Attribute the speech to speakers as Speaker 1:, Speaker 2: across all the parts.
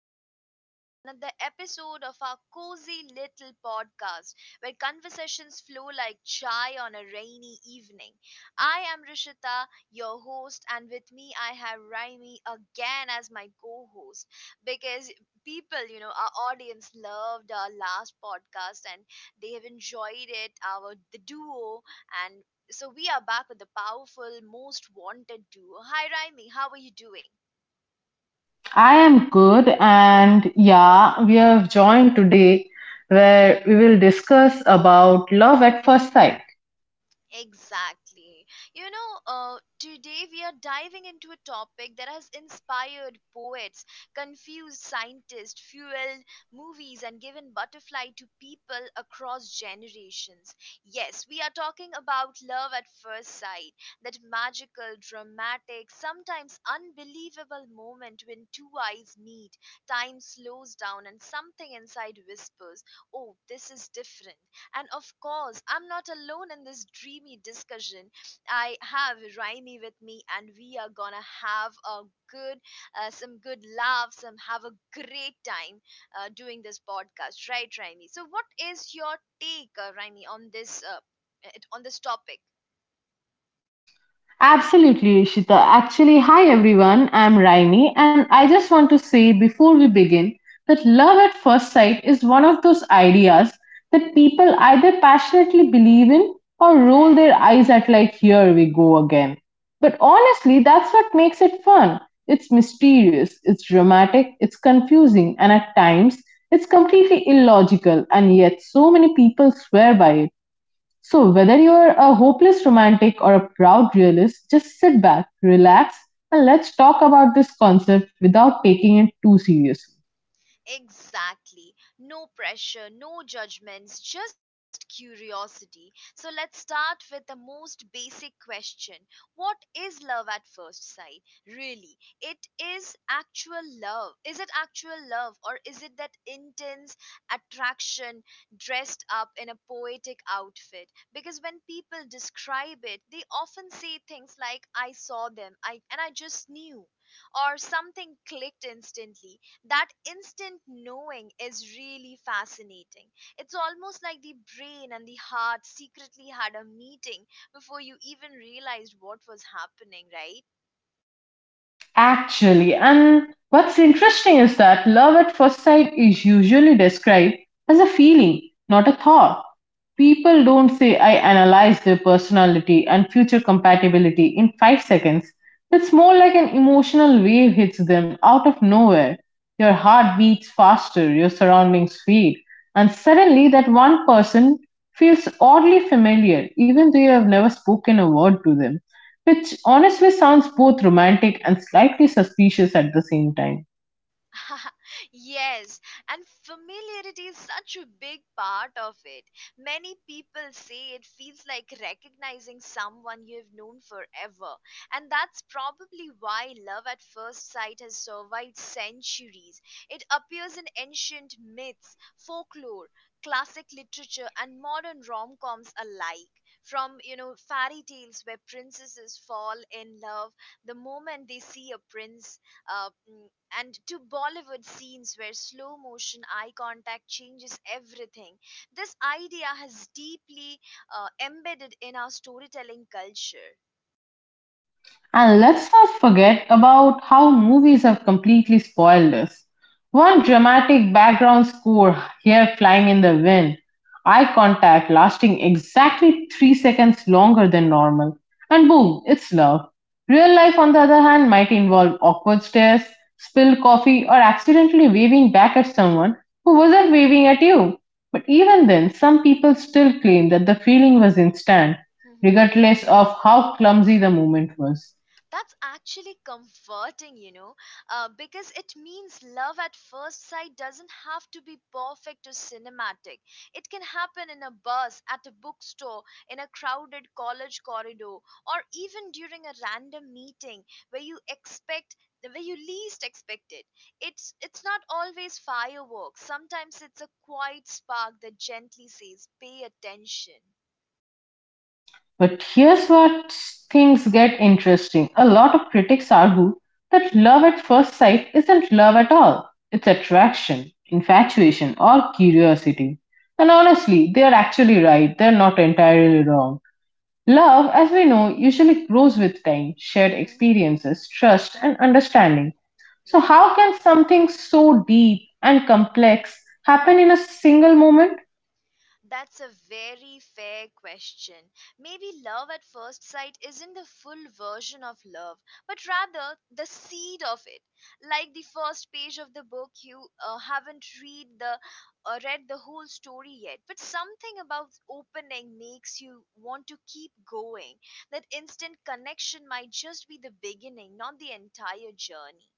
Speaker 1: welcome back to another episode of our cozy little podcast where conversations flow like chai on a rainy evening. I am Rishita, your host, and with me I have Raimi again as my co host because people, our audience loved our last podcast and they have enjoyed it, our the duo, and so we are back with the powerful, most wanted duo. Hi, Raimi, how are you doing?
Speaker 2: I am good, and yeah, we have joined today where we will discuss about love at first sight.
Speaker 1: Exactly. Today we are diving into a topic that has inspired poets, confused scientists, fueled movies, and given butterfly to people across generations. Yes, we are talking about love at first sight, that magical, dramatic, sometimes unbelievable moment when two eyes meet, time slows down, and something inside whispers, oh, this is different. And of course, I'm not alone in this dreamy discussion. I have Raimi with me, and we are gonna have a good, some good laughs, and have a great time doing this podcast, right, Raimi? So, what is your take, Raimi, on on this topic?
Speaker 2: Absolutely, Ishita. Actually, hi everyone, I'm Raini, and I just want to say before we begin that love at first sight is one of those ideas that people either passionately believe in or roll their
Speaker 1: Right.
Speaker 2: eyes at, like, here we go again. But honestly, that's what makes it fun. It's mysterious, it's dramatic, it's confusing, and at times it's completely illogical, and yet so many people swear by it. So whether you're a hopeless romantic or a proud realist, just sit back, relax, and let's talk about this concept without taking it too seriously.
Speaker 1: Exactly. No pressure, no judgments, just curiosity. So let's start with the most basic question. What is love at first sight? Really, it is actual love. Is it actual love or is it that intense attraction dressed up in a poetic outfit? Because when people describe it, they often say things like, I saw them, I and I just knew, or something clicked instantly. That instant knowing is really fascinating. It's almost like the brain and the heart secretly had a meeting before you even realized what was happening, right?
Speaker 2: Actually, and what's interesting is that love at first sight is usually described as a feeling, not a thought. People don't say, I analyze their personality and future compatibility in 5 seconds. It's more like an emotional wave hits them out of nowhere. Your heart beats faster, your surroundings fade, and suddenly that one person feels oddly familiar, even though you have never spoken a word to them. Which honestly sounds both romantic and slightly suspicious at the same time.
Speaker 1: Yes, and familiarity is such a big part of it. Many people say it feels like recognizing someone you've known forever, and that's probably why love at first sight has survived centuries. It appears in ancient myths, folklore, classic literature, and modern rom coms alike. From fairy tales where princesses fall in love the moment they see a prince, uh, mm, and to Bollywood scenes where slow motion eye contact changes everything. This idea has deeply embedded in our storytelling culture.
Speaker 2: And let's not forget about how movies have completely spoiled us. One dramatic background score, hair flying in the wind, eye contact lasting exactly 3 seconds longer than normal, and boom, it's love. Real life, on the other hand, might involve awkward stares, spilled coffee, or accidentally waving back at someone who wasn't waving at you. But even then, some people still claim that the feeling was instant,
Speaker 1: Mhm.
Speaker 2: regardless of how clumsy the moment was.
Speaker 1: That's actually comforting, because it means love at first sight doesn't have to be perfect or cinematic. It can happen in a bus, at a bookstore, in a crowded college corridor, or even during a random meeting where you expect the way you least expect it. It's not always fireworks. Sometimes it's a quiet spark that gently says, "Pay attention."
Speaker 2: But here's where things get interesting. A lot of critics argue that love at first sight isn't love at all. It's attraction, infatuation, or curiosity. And honestly, they are actually right. They're not entirely wrong. Love, as we know, usually grows with time, shared
Speaker 1: hmm
Speaker 2: experiences, trust, and understanding. So,
Speaker 1: Right.
Speaker 2: how can something so deep and complex happen in a single moment?
Speaker 1: That's a very fair question. Maybe love at first sight isn't the full version of love, but rather the seed of it. Like the first page of the book, you haven't read the whole story yet, but something about opening makes you want to keep going. That instant connection might just be the beginning, not the entire journey.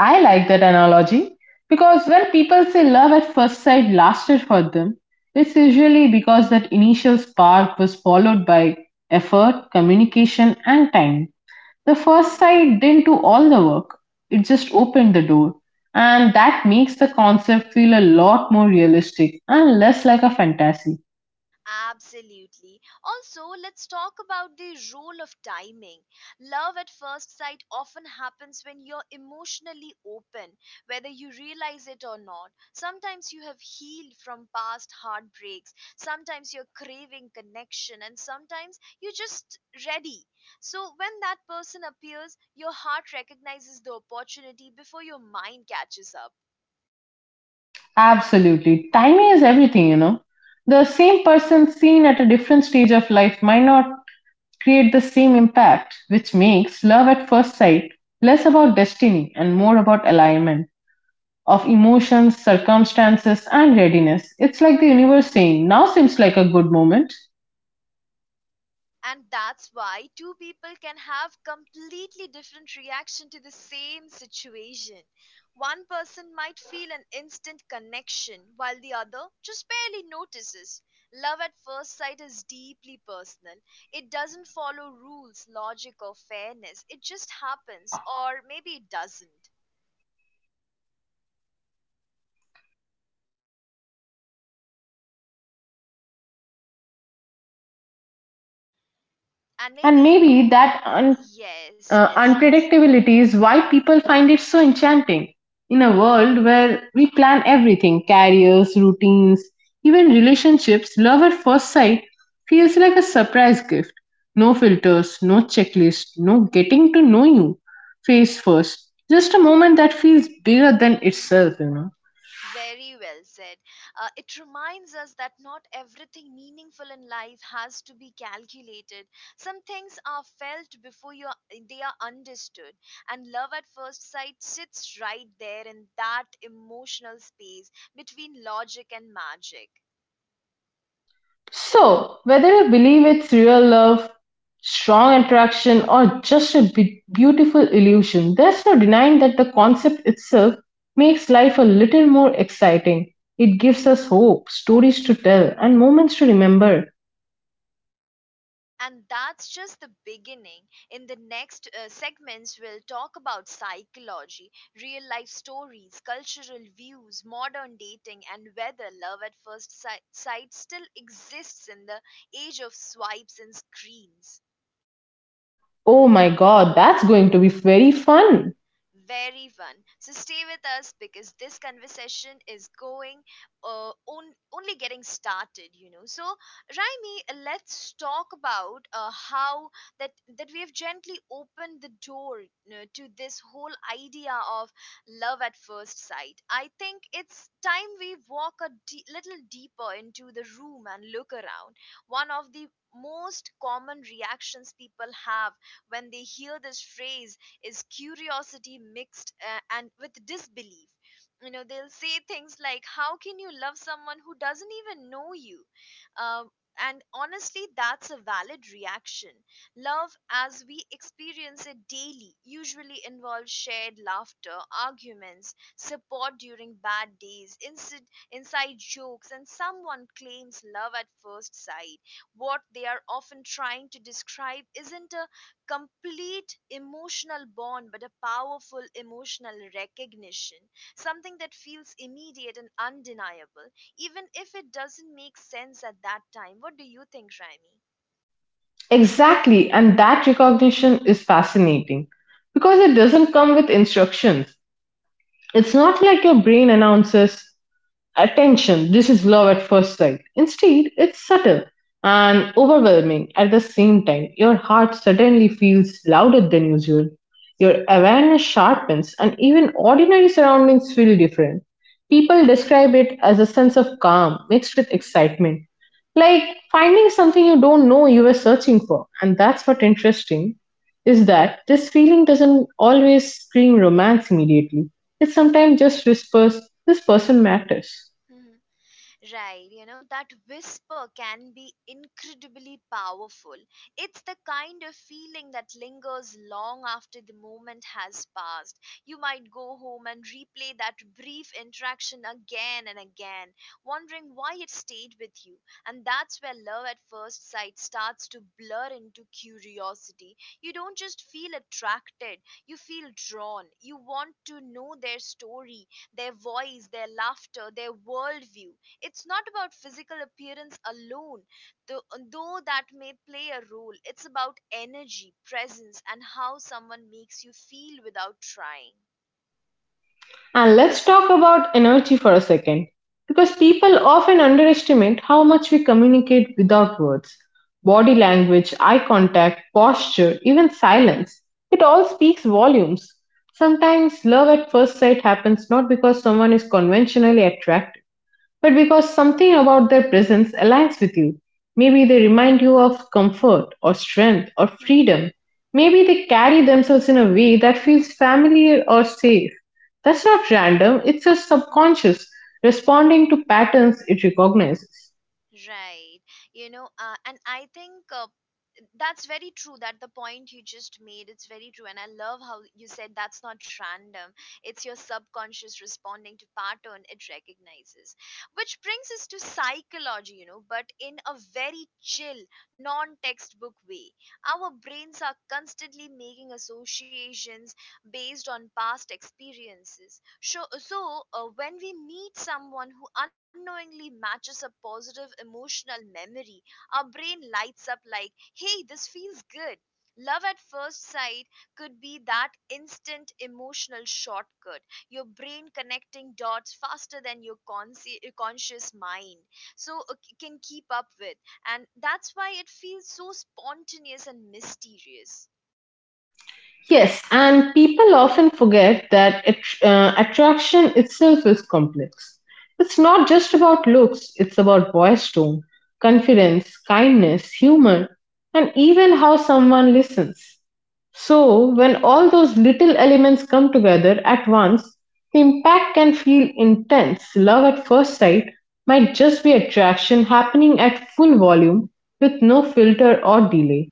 Speaker 2: I like that analogy because when people say love at first sight lasted for them, it's usually because that initial spark was followed by effort, communication, and time. The first sight didn't do all the work, it just opened the door. And that makes the concept feel a lot more realistic and less like a fantasy.
Speaker 1: Absolutely. Also, let's talk about the role of timing. Love at first sight often happens when you're emotionally open, whether you realize it or not. Sometimes you have healed from past heartbreaks, sometimes you're craving connection, and sometimes you're just ready. So, when that person appears, your heart recognizes the opportunity before your mind catches up.
Speaker 2: Absolutely. Timing is everything, you know. The same person seen at a different stage of life might not create the same impact, which makes love at first sight less about destiny and more about alignment of emotions, circumstances, and readiness. It's like the universe saying, now seems like a good moment.
Speaker 1: And that's why two people can have completely different reaction to the same situation. One person might feel an instant connection while the other just barely notices. Love at first sight is deeply personal. It doesn't follow rules, logic, or fairness. It just happens, or maybe it doesn't. And maybe
Speaker 2: And
Speaker 1: you
Speaker 2: maybe
Speaker 1: know yes, yes, yes.
Speaker 2: unpredictability is why people find it so enchanting. In a world where we plan everything careers, routines, even relationships, love at first sight feels like a surprise gift. No filters, no checklist, no getting to know you face first. Just a moment that feels bigger than itself, you know.
Speaker 1: Very well said. It reminds us that not everything meaningful in life has to be calculated. Some things are felt before they are understood. And love at first sight sits right there in that emotional space between logic and magic.
Speaker 2: So, whether you believe it's real love, strong attraction, or just a beautiful illusion, there's no denying that the concept itself makes life a little more exciting. It gives us hope, stories to tell, and moments to remember.
Speaker 1: And that's just the beginning. In the next segments, we'll talk about psychology, real life stories, cultural views, modern dating, and whether love at sight still exists in the age of swipes and screens.
Speaker 2: Oh my god, that's going to be very fun!
Speaker 1: Very fun. So stay with us because this conversation is uh, on, only getting started, So Raimi, let's talk about how that that we have gently opened the door, you know, to this whole idea of love at first sight. I think it's time we walk little deeper into the room and look around. One of the most common reactions people have when they hear this phrase is curiosity mixed and with disbelief. You know, they'll say things like, how can you love someone who doesn't even know you? um, and honestly, that's a valid reaction. Love, as we experience it daily, usually involves shared laughter, arguments, support during bad days, inside jokes, and someone claims love at first sight. What they are often trying to describe isn't a complete emotional bond, but a powerful emotional recognition, something that feels immediate and undeniable, even if it doesn't make sense at that time. What do you think, Raimi?
Speaker 2: Exactly, and that recognition is fascinating because it doesn't come with instructions. It's not like your brain announces, Attention, this is love at first sight. Instead, it's subtle and overwhelming at the same time. Your heart suddenly feels louder than usual. Your awareness sharpens, and even ordinary surroundings feel different. People describe it as a sense of calm mixed with
Speaker 1: Mhm.
Speaker 2: excitement, like finding something you don't know you were searching for. And that's what
Speaker 1: Right.
Speaker 2: interesting is that this feeling doesn't always scream romance immediately. It sometimes just whispers, "This person matters."
Speaker 1: Mhm. Right, you know, that whisper can be incredibly powerful. It's the kind of feeling that lingers long after the moment has passed. You might go home and replay that brief interaction again and again, wondering why it stayed with you. And that's where love at first sight starts to blur into curiosity. You don't just feel attracted, you feel drawn. You want to know their story, their voice, their laughter, their worldview. It's not about physical appearance alone, though, though that may play a role. It's about energy, presence, and how someone makes you feel without trying.
Speaker 2: And let's talk about energy for a second, because people often underestimate how much we communicate without words. Body language, eye contact, posture, even silence, it all speaks volumes. Sometimes love at first sight happens not because someone is conventionally attractive but because something about their presence aligns with you. Maybe they remind you of comfort or strength or
Speaker 1: Mhm.
Speaker 2: freedom. Maybe they carry themselves in a way that feels familiar or safe. That's not random, it's your subconscious responding to patterns it recognizes.
Speaker 1: Right. You know, and I think that's very true. That the point you just made, it's very true, and I love how you said, that's not random, it's your subconscious responding to pattern it recognizes. Which brings us to psychology, you know, but in a very chill, non-textbook way. Our brains are constantly making associations based on past experiences, so when we meet someone who unknowingly matches a positive emotional memory, our brain lights up like, hey, this feels good. Love at first sight could be that instant emotional shortcut, your brain connecting dots faster than your conscious mind so uh, can keep up with. And that's why it feels so spontaneous and mysterious.
Speaker 2: Yes, and people often forget that attraction itself is complex. It's not just about looks, it's about voice tone, confidence, kindness, humor, and even how someone listens. So, when all those little elements come together at once, the impact can feel intense. Love at first sight might just be attraction happening at full volume with no filter or delay.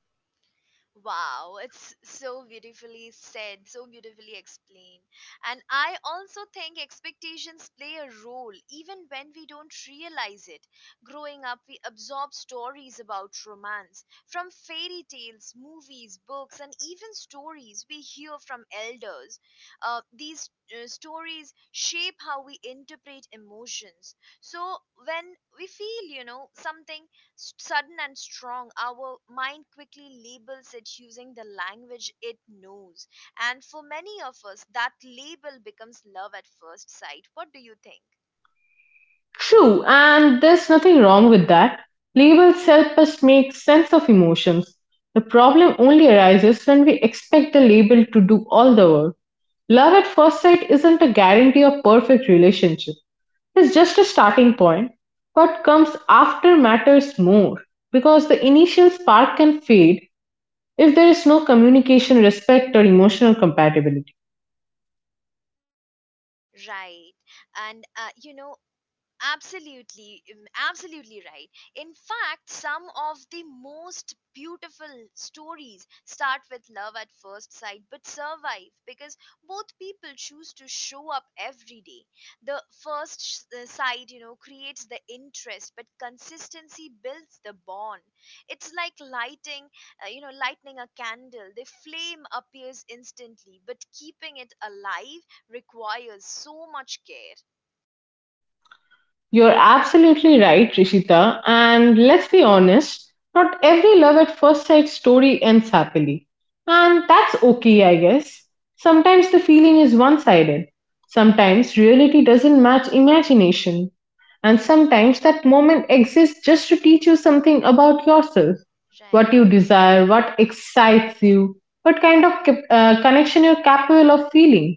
Speaker 1: Wow, it's so beautifully said, so beautifully explained. And I also think expectations play a role even when we don't realize it. Growing up, we absorb stories about romance from fairy tales, movies, books, and even stories we hear from elders. These stories shape how we interpret emotions. So when we feel, you know, something sudden and strong, our mind quickly labels it using the language it knows. And for many of us, that label becomes love at first sight. What do you think?
Speaker 2: True, and there's nothing wrong with that. Labels help us make sense of emotions. The problem only arises when we expect the label to do all the work. Love at first sight isn't a guarantee of perfect relationship. It's just a starting point. What comes after matters more because the initial spark can fade if there is no communication, respect, or emotional compatibility.
Speaker 1: Right. And, uh, you know, Absolutely, absolutely right. In fact, some of the most beautiful stories start with love at first sight, but survive because both people choose to show up every day. The first sight, you know, creates the interest, but consistency builds the bond. It's like lighting a candle. The flame appears instantly, but keeping it alive requires so much care.
Speaker 2: You're absolutely right, Rishita. And let's be honest, not every love at first sight story ends happily. And that's okay, I guess. Sometimes the feeling is one
Speaker 1: Mhm.
Speaker 2: sided. Sometimes reality doesn't match imagination. And sometimes that moment exists just to teach you something about yourself what
Speaker 1: Right.
Speaker 2: you desire, what excites you, what kind of connection you're capable of feeling.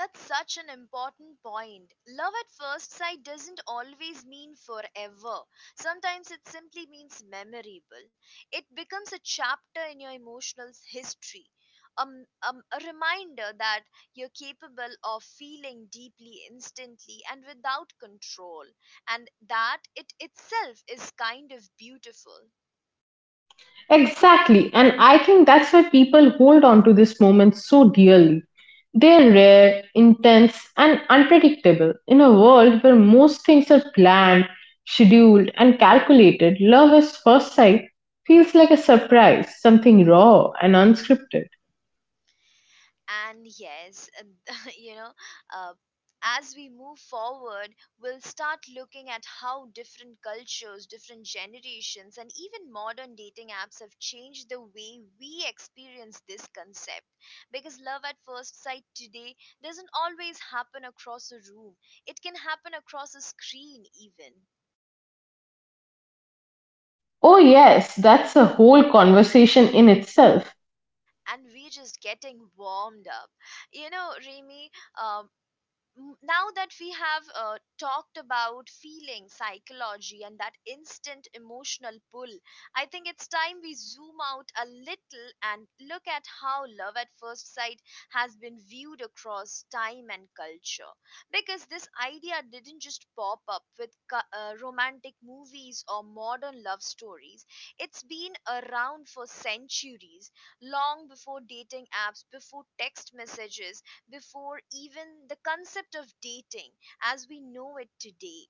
Speaker 1: That's such an important point. Love at first sight doesn't always mean forever. Sometimes it simply means memorable. It becomes a chapter in your emotional history, a reminder that you're capable of feeling deeply, instantly, and without control, and that it itself is kind of beautiful.
Speaker 2: Exactly. And I think that's why people hold on to this moment so dearly. They're rare, intense, and unpredictable. In a world where most things are planned, scheduled, and calculated, love at first sight feels like a surprise, something raw and unscripted.
Speaker 1: And yes, you know, uh, as we move forward, we'll start looking at how different cultures, different generations, and even modern dating apps have changed the way we experience this concept. Because love at first sight today doesn't always happen across a room, it can happen across a screen, even.
Speaker 2: Oh, yes, that's a whole conversation in itself.
Speaker 1: And we're just getting warmed up. You know, Remy, um, now that we have talked about feeling psychology and that instant emotional pull, I think it's time we zoom out a little and look at how love at first sight has been viewed across time and culture. Because this idea didn't just pop up with romantic movies or modern love stories. It's been around for centuries, long before dating apps, before text messages, before even the concept of dating as we know it today,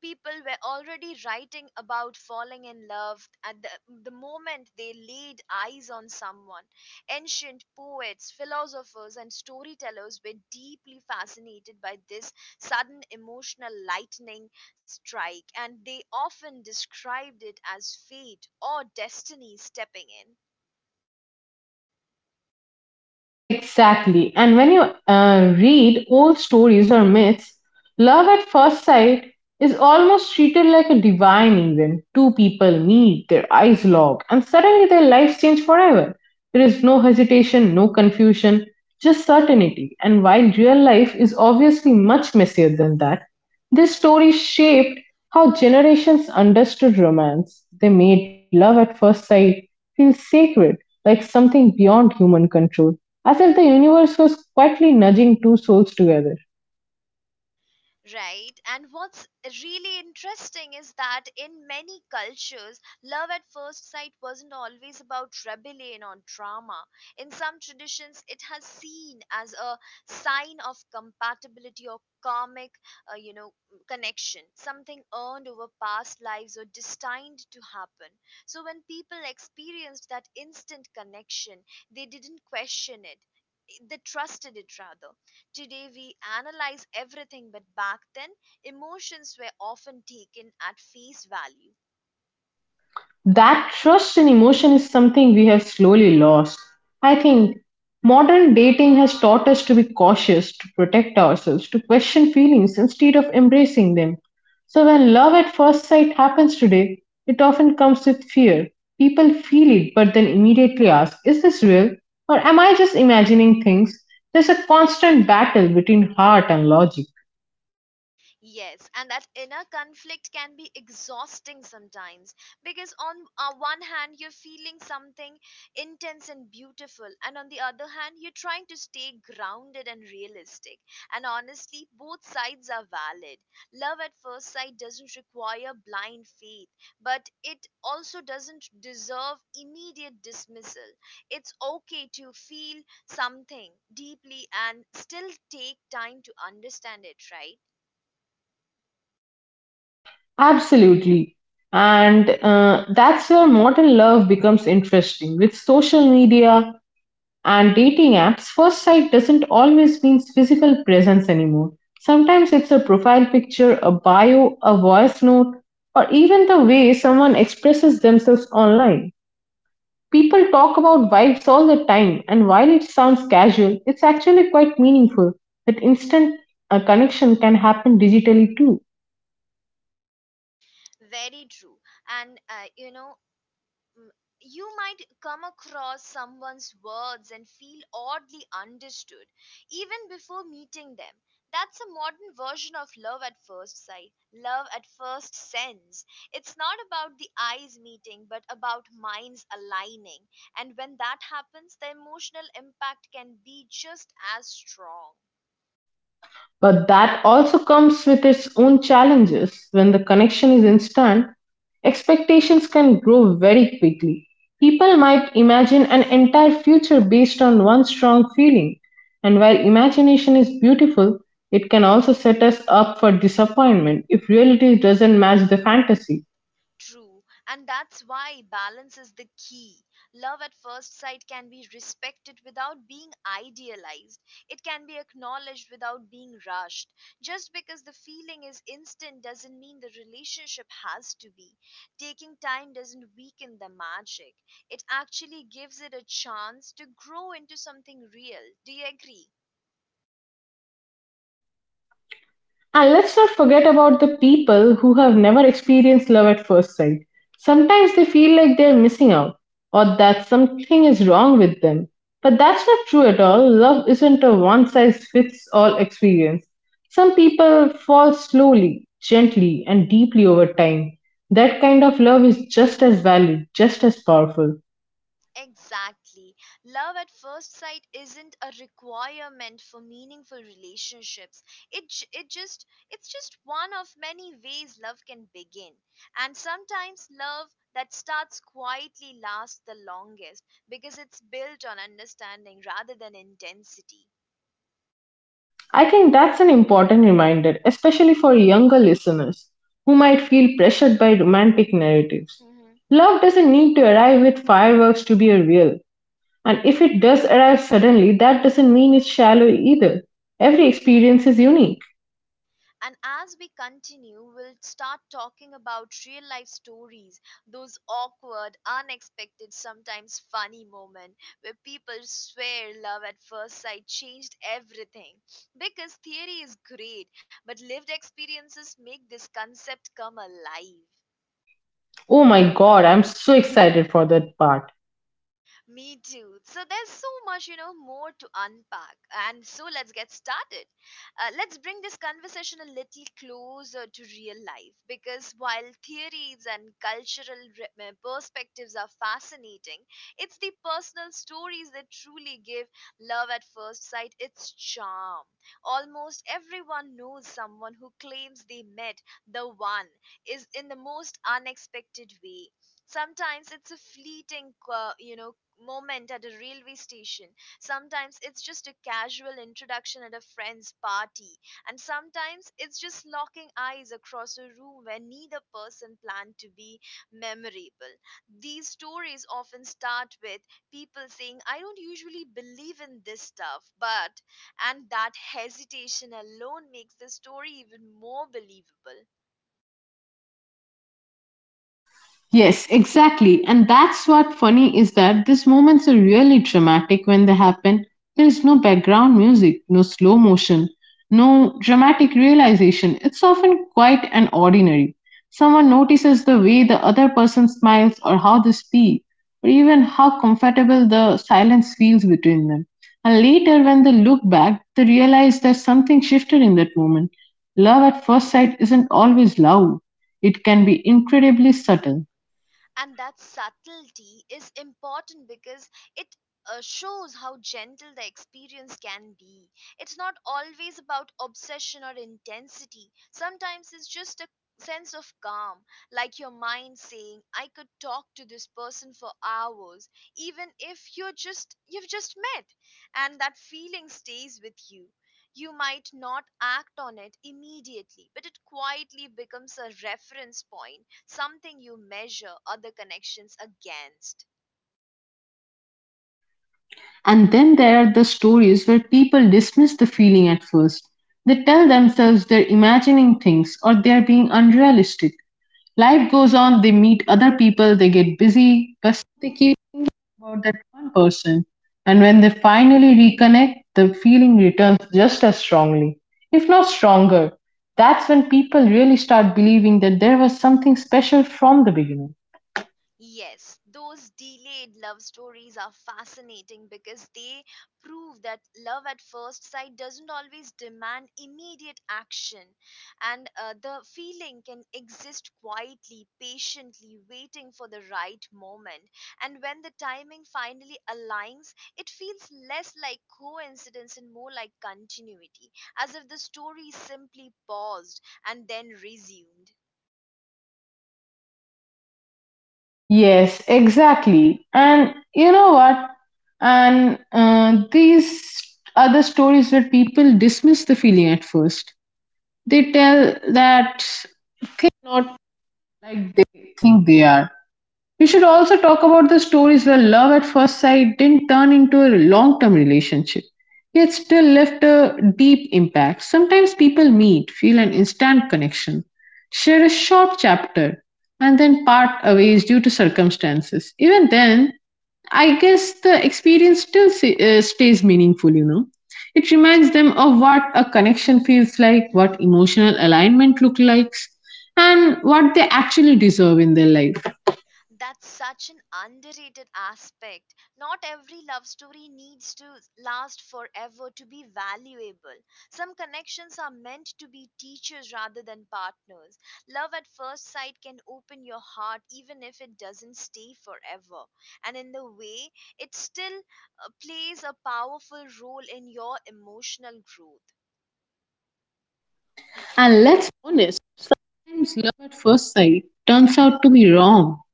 Speaker 1: people were already writing about falling in love at the moment they laid eyes on someone. Ancient poets, philosophers, and storytellers were deeply fascinated by this sudden emotional lightning strike, and they often described it as fate or destiny stepping in.
Speaker 2: Exactly. And when you read old stories or myths, love at first sight is almost treated like a divine event. Two people meet, their eyes lock, and suddenly their lives change forever. There is no hesitation, no confusion, just certainty. And while
Speaker 1: Mhm.
Speaker 2: real life is obviously much messier than that, this
Speaker 1: Right.
Speaker 2: story shaped how generations understood romance. They made love at first sight feel sacred, like something beyond human control as if the universe was quietly nudging two souls together.
Speaker 1: Right. And what's really interesting is that in many cultures, love at first sight wasn't always about rebellion or drama. In some traditions, it has seen as a sign of compatibility or karmic, uh, you know, connection, something earned over past lives or destined to happen. So when people experienced that instant connection, they didn't question it. They trusted it rather. Today we analyze everything, but back then, emotions were often taken at face value.
Speaker 2: That trust and emotion is something we have slowly lost. I think modern dating has taught us to be cautious, to protect ourselves, to question feelings instead of embracing them. So when love at first sight happens today, it often comes with fear. People feel it but then immediately ask, Is this real? Or am I just imagining things? There's a constant battle between heart and logic.
Speaker 1: Yes, and that inner conflict can be exhausting sometimes because, on one hand, you're feeling something intense and beautiful, and on the other hand, you're trying to stay grounded and realistic. And honestly, both sides are valid. Love at first sight doesn't require blind faith, but it also doesn't deserve immediate dismissal. It's okay to feel something deeply and still take time to understand it, right?
Speaker 2: Absolutely. And that's where modern love becomes interesting. With social media and dating apps, first sight doesn't always mean physical presence anymore. Sometimes it's a profile picture, a bio, a voice note, or even the way someone expresses themselves online. People talk about vibes all the time, and while it sounds casual, it's actually quite meaningful that instant connection can happen digitally too.
Speaker 1: Very true. And mm, you might come across someone's words and feel oddly understood even before meeting them. That's a modern version of love at first sight, love at first sense. It's not about the eyes meeting, but about minds aligning. And when that happens, the emotional impact can be just as strong.
Speaker 2: But that also comes with its own challenges. When the connection is instant, expectations can grow very quickly. People might imagine an entire future based on one strong feeling. And while imagination is beautiful, it can also set us up for disappointment if reality doesn't match the fantasy.
Speaker 1: True, and that's why balance is the key. Love at first sight can be respected without being idealized. It can be acknowledged without being rushed. Just because the feeling is instant doesn't mean the relationship has to be. Taking time doesn't weaken the magic, it actually gives it a chance to grow into something real. Do you agree?
Speaker 2: And let's not forget about the people who have never experienced love at first sight. Sometimes they feel like they're missing out or that something is wrong with them. But that's not true at all. Love isn't a one size fits all experience. Some people fall slowly, gently, and deeply over time. That kind of love is just as valid, just as powerful.
Speaker 1: Exactly. Love at first sight isn't a requirement for meaningful relationships. It's just one of many ways love can begin. And sometimes love that starts quietly lasts the longest because it's built on understanding rather than intensity.
Speaker 2: I think that's an important reminder, especially for younger listeners who might feel pressured by romantic narratives. Love doesn't need to arrive with fireworks to be a real, and if it does arrive suddenly, that doesn't mean it's shallow either. Every experience is unique.
Speaker 1: And as we continue, we'll start talking about real life stories, those awkward, unexpected, sometimes funny moments where people swear love at first sight changed everything. Because theory is great, but lived experiences make this concept come alive.
Speaker 2: Oh my god, I'm so excited for that part.
Speaker 1: Me too. So there's so much more to unpack. And so let's get started. Let's bring this conversation a little closer to real life because while theories and cultural perspectives are fascinating, it's the personal stories that truly give love at first sight its charm. Almost everyone knows someone who claims they met the one is in the most unexpected way. Sometimes it's a fleeting moment at a railway station, sometimes it's just a casual introduction at a friend's party, and sometimes it's just locking eyes across a room where neither person planned to be memorable. These stories often start with people saying, I don't usually believe in this stuff, but. And that hesitation alone makes the story even more believable.
Speaker 2: Yes, exactly. And that's what funny is that these moments are really dramatic when they happen. There's no background music, no slow motion, no dramatic realization. It's often quite an ordinary. Someone notices the way the other person smiles or how they speak, or even how comfortable the silence feels between them. And later, when they look back, they realize that something shifted in that moment. Love at first sight isn't always loud, it can be incredibly subtle.
Speaker 1: And that subtlety is important because it shows how gentle the experience can be. It's not always about obsession or intensity. Sometimes it's just a sense of calm, like your mind saying, I could talk to this person for hours, even if you've just met, and that feeling stays with you. You might not act on it immediately, but it quietly becomes a reference point, something you measure other connections against.
Speaker 2: And then there are the stories where people dismiss the feeling at first. They tell themselves they're imagining things or they're being unrealistic. Life goes on, they meet other people, they get busy, but they keep about that one person. And when they finally reconnect, the feeling returns just as strongly, if not stronger. That's when people really start believing that there was something special from the beginning.
Speaker 1: Yes, those delayed love stories are fascinating because they prove that love at first sight doesn't always demand immediate action, and the feeling can exist quietly, patiently, waiting for the right moment. And when the timing finally aligns, it feels less like coincidence and more like continuity, as if the story simply paused and then resumed.
Speaker 2: Yes, exactly. And you know what? And these other stories where people dismiss the feeling at first, they tell that things are not like they think they are. We should also talk about the stories where love at first sight didn't turn into a long term relationship, yet still left a deep impact. Sometimes people meet, feel an instant connection, share a short chapter, and then part ways due to circumstances. Even then, I guess the experience still stays meaningful. It reminds them of what a connection feels like, what emotional alignment looks like, and what they actually deserve in their life.
Speaker 1: That's such an underrated aspect. Not every love story needs to last forever to be valuable. Some connections are meant to be teachers rather than partners. Love at first sight can open your heart even if it doesn't stay forever. And in the way, it still plays a powerful role in your emotional growth.
Speaker 2: And let's be honest, sometimes love at first sight turns out to be wrong.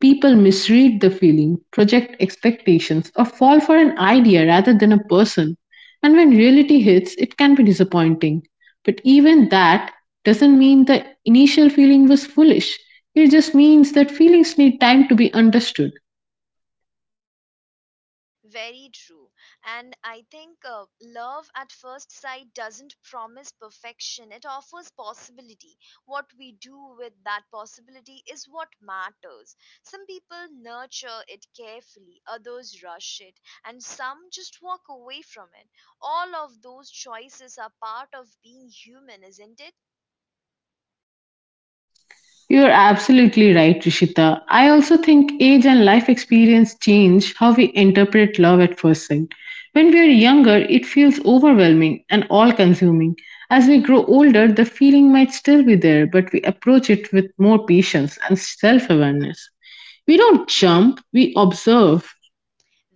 Speaker 2: People misread the feeling, project expectations, or fall for an idea rather than a person. And when reality hits, it can be disappointing. But even that doesn't mean the initial feeling was foolish. It just means that feelings need time to be understood.
Speaker 1: Very true. And I think love at first sight doesn't promise perfection, it offers possibility. What we do with that possibility is what matters. Some people nurture it carefully, others rush it, and some just walk away from it. All of those choices are part of being human, isn't it?
Speaker 2: You're absolutely right, Rishita. I also think age and life experience change how we interpret love at first sight. When we are younger, it feels overwhelming and all consuming. As we grow older, the feeling might still be there, but we approach it with more patience and self awareness. We don't jump, we observe.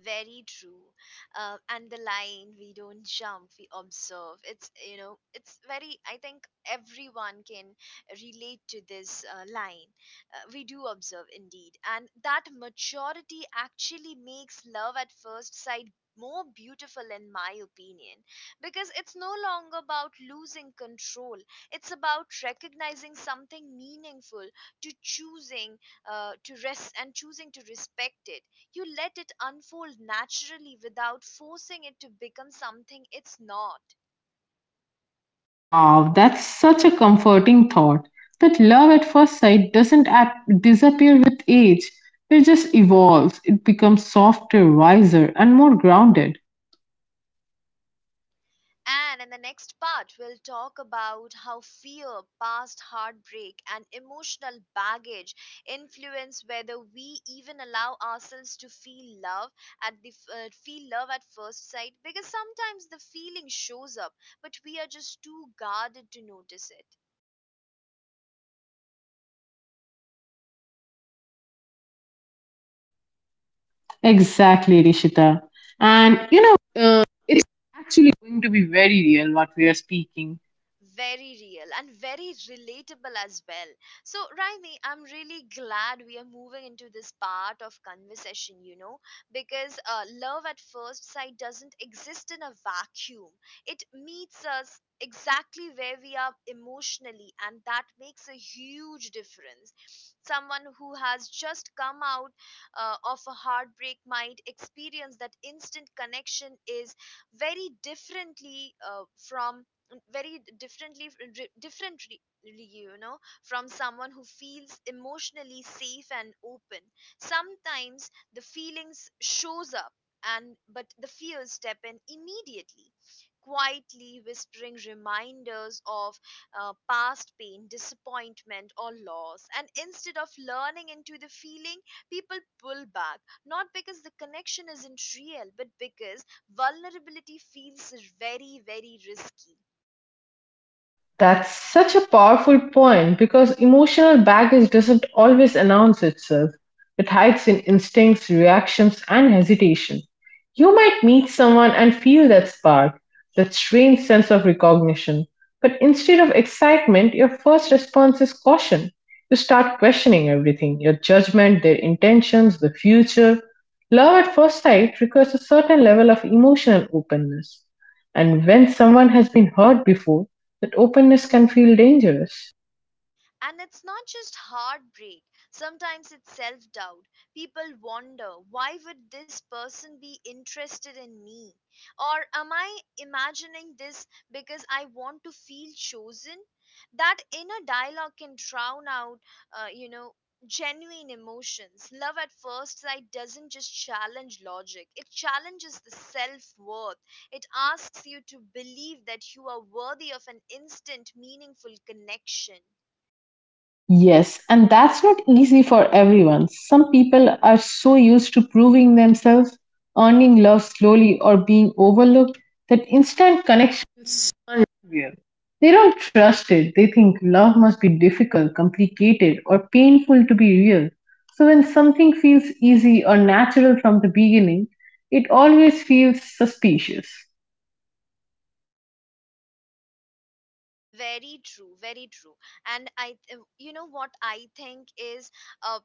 Speaker 1: Very true. And the line, we don't jump, we observe. It's, you know, it's very, I think everyone can relate to this line. We do observe indeed. And that maturity actually makes love at first sight more beautiful in my opinion, because it's no longer about losing control, it's about recognizing something meaningful, to choosing to rest and choosing to respect it. You let it unfold naturally without forcing it to become something it's not.
Speaker 2: Wow, that's such a comforting thought that love at first sight doesn't disappear with age. It just evolves. It becomes softer, wiser, and more grounded.
Speaker 1: And in the next part, we'll talk about how fear, past heartbreak, and emotional baggage influence whether we even allow ourselves to feel love at the feel love at first sight. Because sometimes the feeling shows up, but we are just too guarded to notice it.
Speaker 2: Exactly, Rishita. And you know, it's actually going to be very real what we are speaking.
Speaker 1: Very real and very relatable as well. So, Raimi, I'm really glad we are moving into this part of conversation, you know, because love at first sight doesn't exist in a vacuum. It meets us exactly where we are emotionally, and that makes a huge difference. Someone who has just come out of a heartbreak might experience that instant connection is very differently from very differently differently you know, from someone who feels emotionally safe and open. Sometimes the feelings shows up, and but the fears step in immediately, quietly whispering reminders of past pain, disappointment, or loss, and instead of learning into the feeling, people pull back, not because the connection isn't real, but because vulnerability feels very very risky.
Speaker 2: That's such a powerful point because emotional baggage doesn't always announce itself. It hides in instincts, reactions, and hesitation. You might meet someone and feel that spark, that strange sense of recognition, but instead of excitement, your first response is caution. You start questioning everything your judgment, their intentions, the future. Love at first sight requires a certain level of emotional openness. And when someone has been hurt before, that openness can feel dangerous.
Speaker 1: And it's not just heartbreak. Sometimes it's self-doubt. People wonder, why would this person be interested in me? Or am I imagining this because I want to feel chosen? That inner dialogue can drown out, uh, you know, genuine emotions. Love at first sight doesn't just challenge logic. It challenges the self-worth. It asks you to believe that you are worthy of an instant, meaningful connection.
Speaker 2: Yes, and that's not easy for everyone. Some people are so used to proving themselves, earning love slowly, or being overlooked that instant connection it's unreal. They don't trust it. They think love must be difficult, complicated, or painful to be real. So when something feels easy or natural from the beginning, it always feels suspicious.
Speaker 1: Very true, very true. And I th- you know what I think is uh,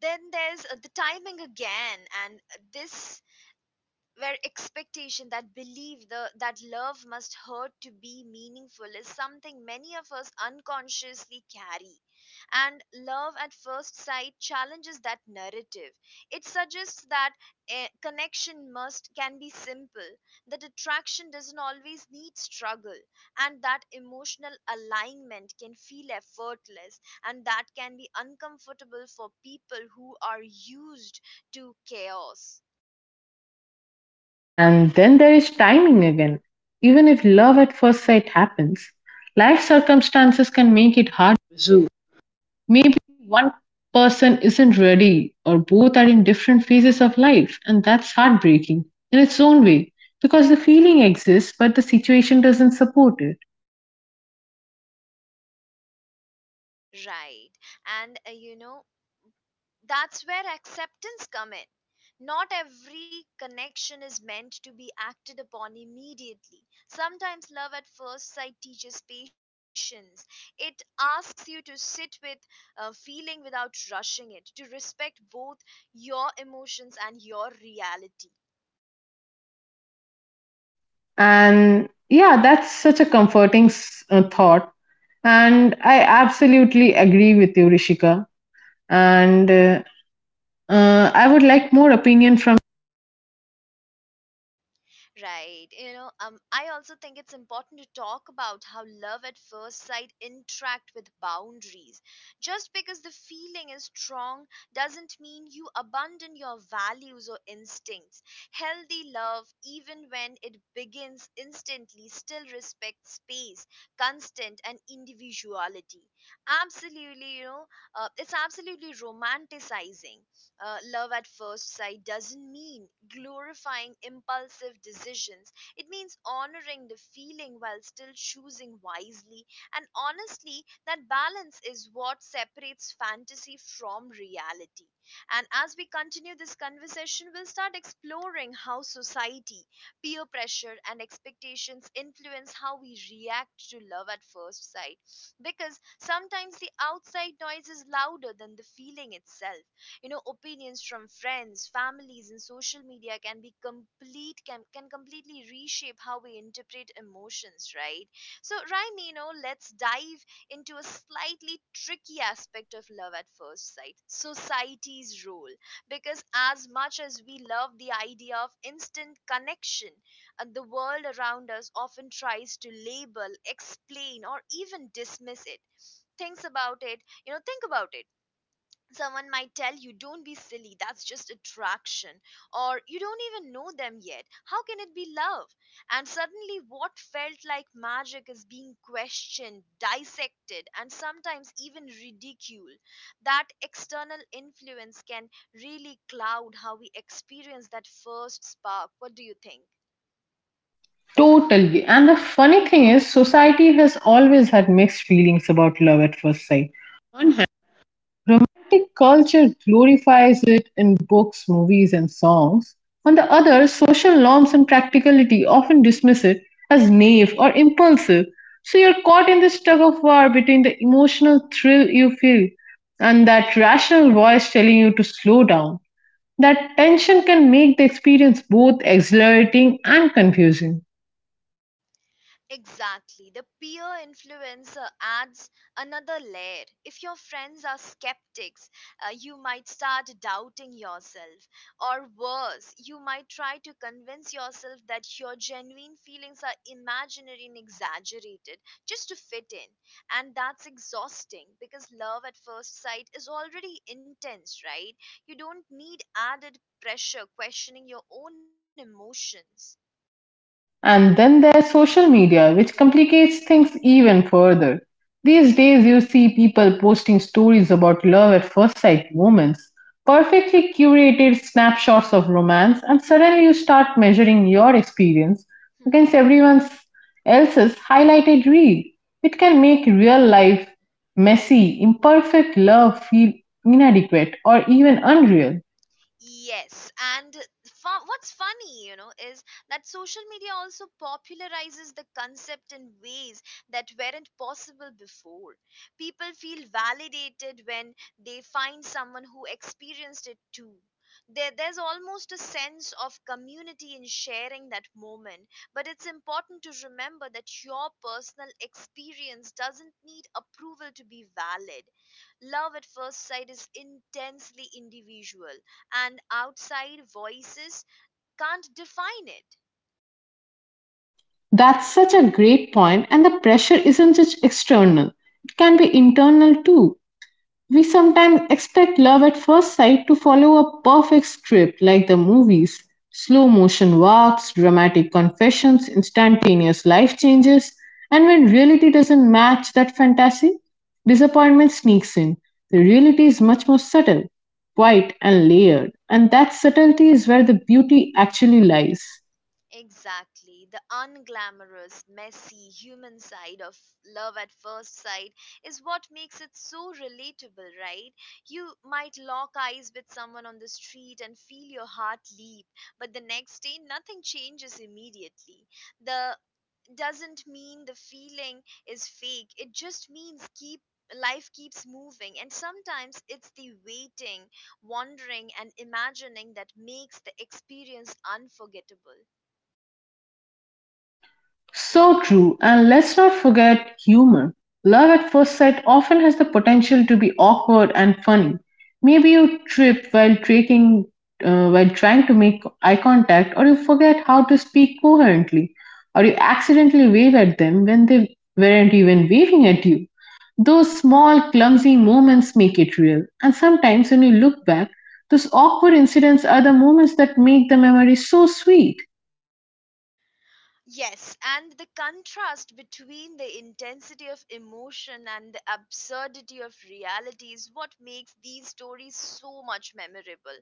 Speaker 1: then there's the timing again, and this where expectation, that belief the that love must hurt to be meaningful is something many of us unconsciously carry, and love at first sight challenges that narrative. It suggests that a connection must can be simple, that attraction doesn't always need struggle, and that emotional alignment can feel effortless. And that can be uncomfortable for people who are used to chaos.
Speaker 2: And then there is timing again. Even if love at first sight happens, life circumstances can make it hard to pursue. Maybe one person isn't ready, or both are in different phases of life, and that's heartbreaking in its own way because the feeling exists, but the situation doesn't support it.
Speaker 1: Right. And that's where acceptance come in. Not every connection is meant to be acted upon immediately. Sometimes love at first sight teaches patience. It asks you to sit with a feeling without rushing it, to respect both your emotions and your reality.
Speaker 2: And yeah, that's such a comforting thought. And I absolutely agree with you, Rishika. And I would like more opinion from.
Speaker 1: Right. You know, I also think it's important to talk about how love at first sight interact with boundaries. Just because the feeling is strong doesn't mean you abandon your values or instincts. Healthy love, even when it begins instantly, still respects space, constant, and individuality. Absolutely, you know, it's absolutely romanticizing love at first sight doesn't mean glorifying impulsive decisions. It means honoring the feeling while still choosing wisely. And honestly, that balance is what separates fantasy from reality. And as we continue this conversation, we'll start exploring how society, peer pressure, and expectations influence how we react to love at first sight. Because sometimes the outside noise is louder than the feeling itself. You know, opinions from friends, families, and social media can be complete can completely reshape how we interpret emotions, right? So, Raimi, you know, let's dive into a slightly tricky aspect of love at first sight, society's role, because as much as we love the idea of instant connection, the world around us often tries to label, explain, or even dismiss it. Thinks about it think about it. Someone might tell you, don't be silly, that's just attraction, or, you don't even know them yet, how can it be love? And suddenly what felt like magic is being questioned, dissected, and sometimes even ridiculed. That external influence can really cloud how we experience that first spark. What do you think?
Speaker 2: Totally. And the funny thing is, society has always had mixed feelings about love at first sight. On one hand, romantic culture glorifies it in books, movies, and songs. On the other, social norms and practicality often dismiss it as naive or impulsive. So you're caught in this tug of war between the emotional thrill you feel and that rational voice telling you to slow down. That tension can make the experience both exhilarating and confusing.
Speaker 1: Exactly. The peer influencer adds another layer. If your friends are skeptics, you might start doubting yourself. Or worse, you might try to convince yourself that your genuine feelings are imaginary and exaggerated just to fit in. And that's exhausting because love at first sight is already intense, right? You don't need added pressure questioning your own emotions.
Speaker 2: And then there's social media, which complicates things even further. These days, you see people posting stories about love at first sight moments, perfectly curated snapshots of romance, and suddenly you start measuring your experience against everyone else's highlighted reel. It can make real life messy, imperfect love feel inadequate or even unreal.
Speaker 1: Yes, and what's funny, you know, is that social media also popularizes the concept in ways that weren't possible before. People feel validated when they find someone who experienced it too. There's almost a sense of community in sharing that moment, but it's important to remember that your personal experience doesn't need approval to be valid. Love at first sight is intensely individual, and outside voices can't define it.
Speaker 2: That's such a great point, and the pressure isn't just external, it can be internal too. We sometimes expect love at first sight to follow a perfect script like the movies slow motion walks, dramatic confessions, instantaneous life changes, and when reality doesn't match that fantasy, disappointment sneaks in. The reality is much more subtle, quiet, and layered, and that
Speaker 1: Mhm.
Speaker 2: subtlety is where the beauty actually lies.
Speaker 1: Exactly. The unglamorous, messy, human side of love at first sight is what makes it so relatable, right? You might lock eyes with someone on the street and feel your heart leap, but the next day nothing changes immediately. The doesn't mean the feeling is fake, it just means keep life keeps moving, and sometimes it's the waiting, wondering, and imagining that makes the experience unforgettable.
Speaker 2: So true, and let's not forget humor. Love at first sight often has the potential to be awkward and funny. Maybe you trip while trekking, while trying to make eye contact, or you forget how to speak coherently, or you accidentally wave at them when they weren't even waving at you. Those small, clumsy moments make it real, and sometimes when you look back, those awkward incidents are the moments that make the memory so sweet.
Speaker 1: Yes, and the contrast between the intensity of emotion and the absurdity of reality is what makes these stories so much memorable.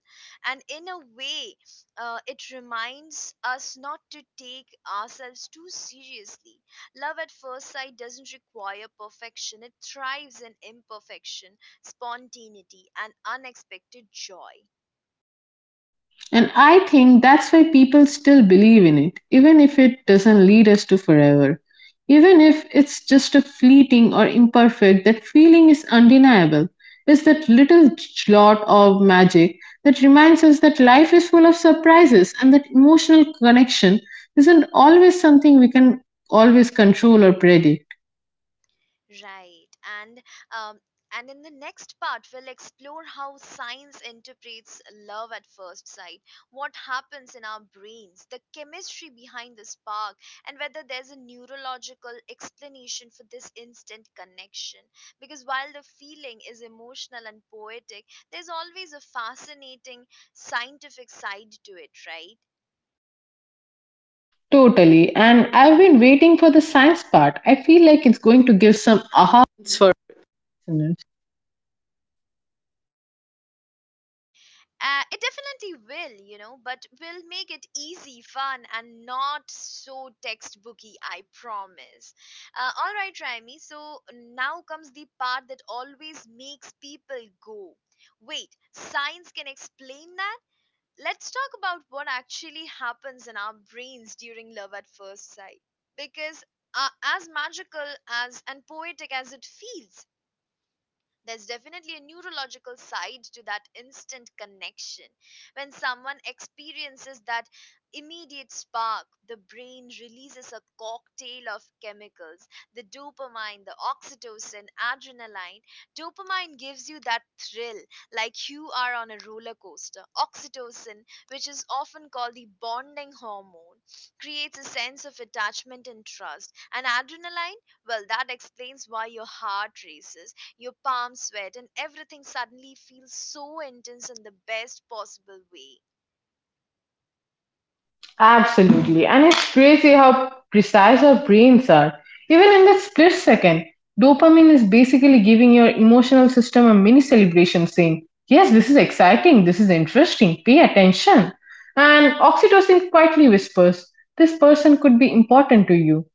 Speaker 1: And in a way, it reminds us not to take ourselves too seriously. Love at first sight doesn't require perfection, it thrives in imperfection, spontaneity, and unexpected joy.
Speaker 2: And I think that's why people still believe in it, even if it doesn't lead us to forever. Even if it's just a fleeting or imperfect, that feeling is undeniable. It's that little jot of magic that reminds us that life is full of surprises and that emotional connection isn't always something we can always control or predict.
Speaker 1: Right. And um, and in the next part, we'll explore how science interprets love at first sight, what happens in our brains, the chemistry behind the spark, and whether there's a neurological explanation for this instant connection. Because while the feeling is emotional and poetic, there's always a fascinating scientific side to it, right?
Speaker 2: Totally. And I've been waiting for the science part. I feel like it's going to give some aha moments for listeners.
Speaker 1: It definitely will, you know, but we'll make it easy, fun, and not so textbooky, I promise. All right, Raimi, so now comes the part that always makes people go, wait, science can explain that? Let's talk about what actually happens in our brains during love at first sight. Because uh, as magical as and poetic as it feels, there's definitely a neurological side to that instant connection. When someone experiences that immediate spark, the brain releases a cocktail of chemicals: the dopamine, the oxytocin, adrenaline. Dopamine gives you that thrill, like you are on a roller coaster. Oxytocin, which is often called the bonding hormone, creates a sense of attachment and trust. And adrenaline, well, that explains why your heart races, your palms sweat, and everything suddenly feels so intense in the best possible way.
Speaker 2: Absolutely. And it's crazy how precise our brains are. Even in the split second, dopamine is basically giving your emotional system a mini celebration saying, yes, this is exciting, this is interesting, pay attention. And oxytocin quietly whispers, this person could be important to you.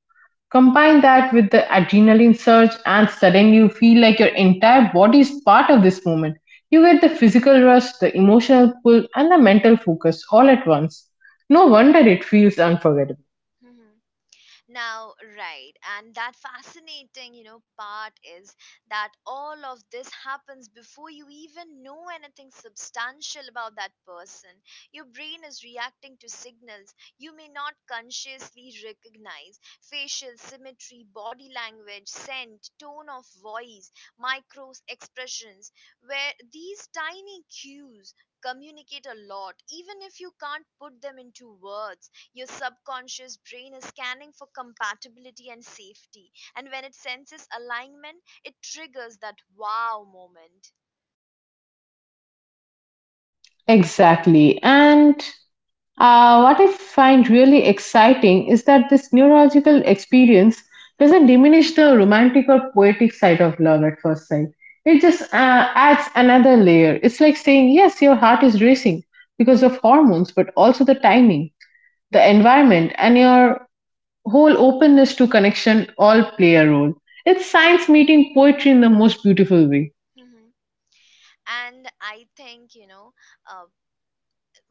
Speaker 2: Combine that with the adrenaline surge, and suddenly you feel like your entire body is part of this moment. You get the physical rush, the emotional pull, and the mental focus all at once. No wonder it feels unforgettable.
Speaker 1: Now, right, and that fascinating, you know, part is that all of this happens before you even know anything substantial about that person. Your brain is reacting to signals you may not consciously recognize: facial symmetry, body language, scent, tone of voice, micro expressions, where these tiny cues communicate a lot even if you can't put them into words. Your subconscious brain is scanning for compatibility and safety, and when it senses alignment, it triggers that wow moment.
Speaker 2: Exactly. And what I find really exciting is that this neurological experience doesn't diminish the romantic or poetic side of love at first sight. It just adds another layer. It's like saying, yes, your heart is racing because of hormones, but also the timing, the environment, and your whole openness to connection all play a role. It's science meeting poetry in the most beautiful way.
Speaker 1: Hmm. And I think, you know, uh,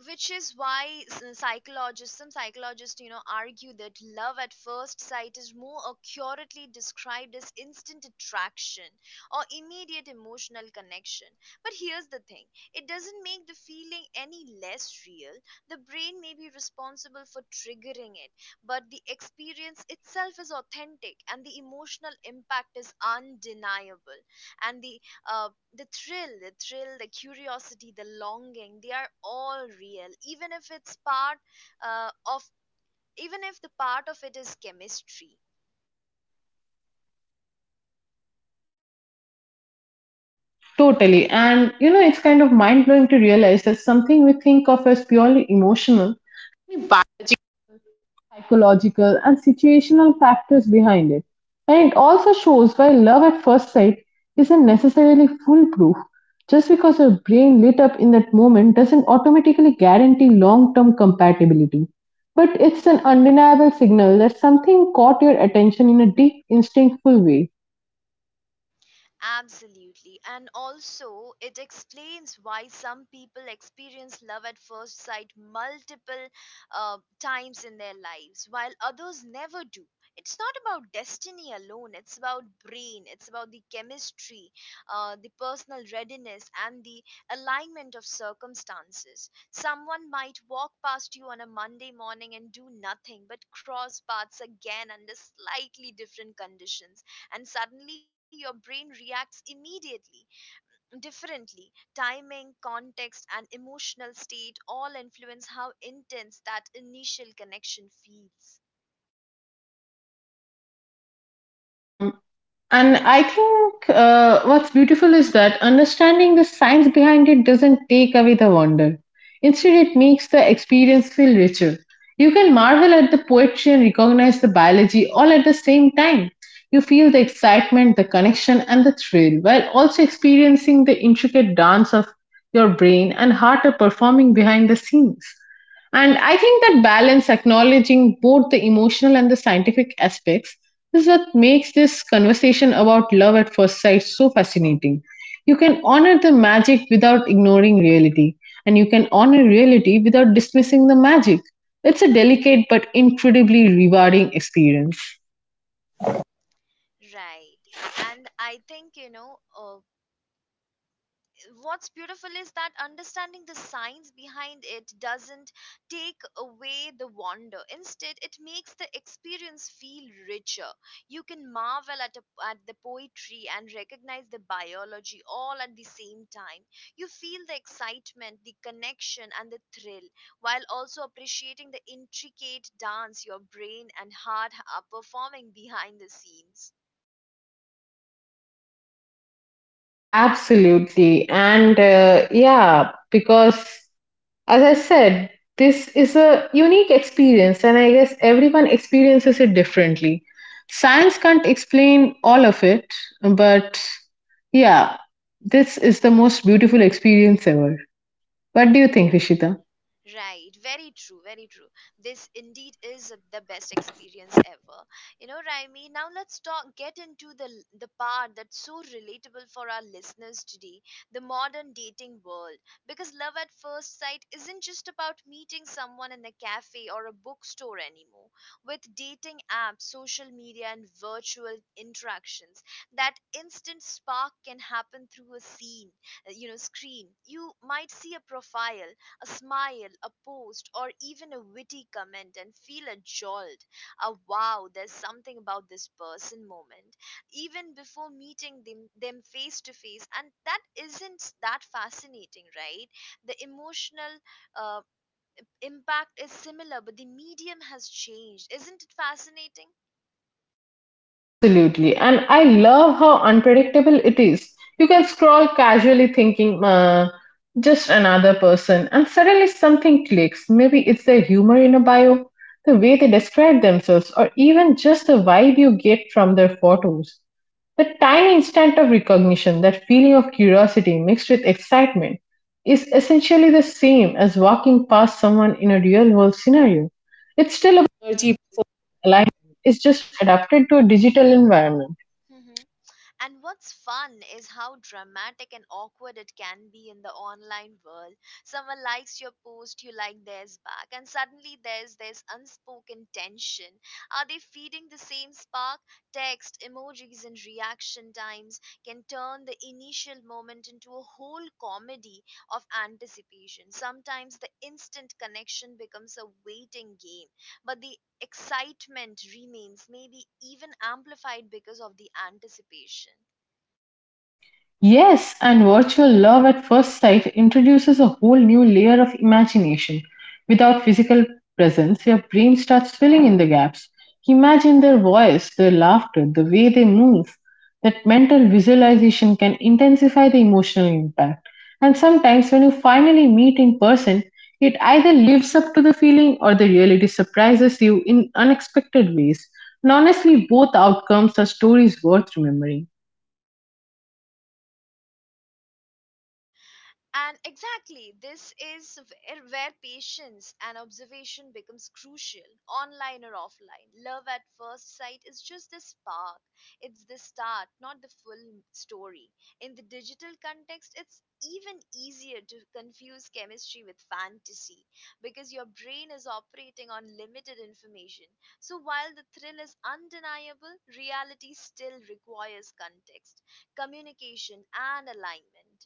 Speaker 1: which is why psychologists, some psychologists, you know, argue that love at first sight is more accurately described as instant attraction or immediate emotional connection. But here's the thing, it doesn't make the feeling any less real. The brain may be responsible for triggering it, but the experience itself is authentic, and the emotional impact is undeniable. And uh, the thrill, the curiosity, the longing, they are all real, even if uh, of, the part of it is chemistry.
Speaker 2: Totally. And you know, it's kind of mind blowing to realize that something we think of as purely emotional psychological and situational factors behind it. And it also shows why love at first sight isn't necessarily foolproof. Just because your brain lit up in that moment doesn't automatically guarantee long term compatibility. But it's an undeniable signal that something caught your attention in a deep, instinctful way.
Speaker 1: Absolutely. And also, it explains why some people experience love at first sight multiple times in their lives, while others never do. It's not about destiny alone, it's about the chemistry, the personal readiness, and the alignment of circumstances. Someone might walk past you on a Monday morning and do nothing, but cross paths again under slightly different conditions and suddenly your brain reacts immediately differently. Timing, context, and emotional state all influence how intense that initial connection feels,
Speaker 2: Um, And I think what's beautiful is that understanding the science behind it doesn't take away the wonder. Instead, it makes the experience feel richer. You can marvel at the poetry and recognize the biology all at the same time. You feel the excitement, the connection, and the thrill while also experiencing the intricate dance of your brain and heart are performing behind the scenes. And I think that balance, acknowledging both the emotional and the scientific aspects, is what makes this conversation about love at first sight so fascinating. You can honor the magic without ignoring reality, and you can honor reality without dismissing the magic. It's a delicate but incredibly rewarding experience.
Speaker 1: right? And I think, you know, what's beautiful is that understanding the science behind it doesn't take away the wonder. Instead, it makes the experience feel richer. You can marvel at the poetry and recognize the biology all at the same time. You feel the excitement, the connection, and the thrill, while also appreciating the intricate dance your brain and heart are performing behind the scenes.
Speaker 2: Absolutely. And yeah, because as I said, this is a unique experience, and I guess everyone experiences it differently. Science can't explain all of it, but yeah, this is the most beautiful experience ever. What do you think, Rishita?
Speaker 1: Right, very true, very true. This indeed is the best experience ever. You know, Raimi, now let's talk get into the part that's so relatable for our listeners today, the modern dating world. Because love at first sight isn't just about meeting someone in a cafe or a bookstore anymore. With dating apps, social media, and virtual interactions, that instant spark can happen through a screen. You might see a profile, a smile, a post, or even a witty comment and feel a jolt, a wow, there's something about this person moment, even before meeting them face to face. And that isn't that fascinating, right? The emotional uh, impact is similar, but the medium has changed. Isn't it fascinating?
Speaker 2: Absolutely. And I love how unpredictable it is. You can scroll casually thinking, just another person, and suddenly something clicks. Maybe it's the humor in a bio, the way they describe themselves, or even just the vibe you get from their photos. The tiny instant of recognition, that feeling of curiosity mixed with excitement, is essentially the same as walking past someone in a real world scenario. It's still about energy alignment, it's just adapted to a digital environment.
Speaker 1: And what's fun is how dramatic and awkward it can be in the online world. Someone likes your post, you like theirs back, and suddenly there's this unspoken tension. Are they feeding the same spark? Text, emojis, and reaction times can turn the initial moment into a whole comedy of anticipation. Sometimes the instant connection becomes a waiting game, but the excitement remains, maybe even amplified because of the anticipation.
Speaker 2: Yes, and virtual love at first sight introduces a whole new layer of imagination. Without physical presence, your brain starts filling in the gaps. Imagine their voice, their laughter, the way they move. That mental visualization can intensify the emotional impact. And sometimes, when you finally meet in person, it either lives up to the feeling or the reality surprises you in unexpected ways. And honestly, both outcomes are stories worth remembering.
Speaker 1: And exactly, this is where patience and observation becomes crucial, online or offline. Love at first sight is just the spark, it's the start, not the full story. In the digital context, it's even easier to confuse chemistry with fantasy because your brain is operating on limited information. So while the thrill is undeniable, reality still requires context, communication, and alignment.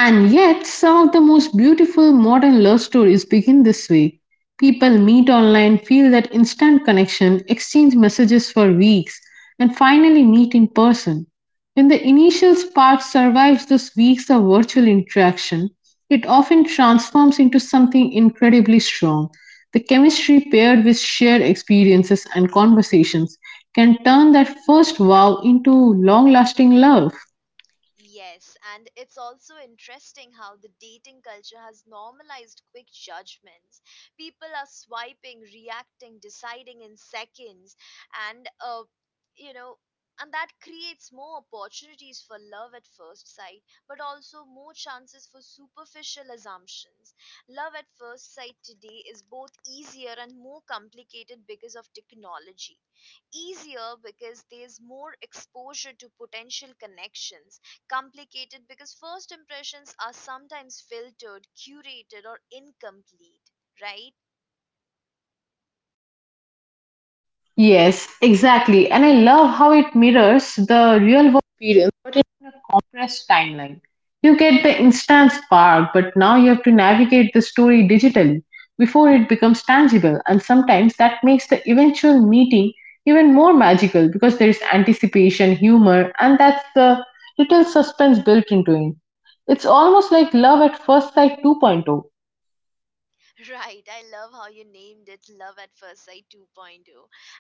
Speaker 2: And yet, some of the most beautiful modern love stories begin this way. People meet online, feel that instant connection, exchange messages for weeks, and finally meet in person. When the initial spark survives those weeks of virtual interaction, it often transforms into something incredibly strong. The chemistry paired with shared experiences and conversations can turn that first wow into long lasting love.
Speaker 1: Yes, and it's also interesting how the dating culture has normalized quick judgments. People are swiping, reacting, deciding in seconds, and you know, and that creates more opportunities for love at first sight, but also more chances for superficial assumptions. Love at first sight today is both easier and more complicated because of technology: easier because there's more exposure to potential connections, complicated because first impressions are sometimes filtered, curated, or incomplete, right?
Speaker 2: Yes, exactly. And I love how it mirrors the real world experience, but in a compressed timeline. You get the instant spark, but now you have to navigate the story digitally before it becomes tangible. And sometimes that makes the eventual meeting even more magical because there is anticipation, humor, and that's the little suspense built into it. It's almost like love at first sight 2.0.
Speaker 1: Right, I love how you named it Love at First Sight 2.0.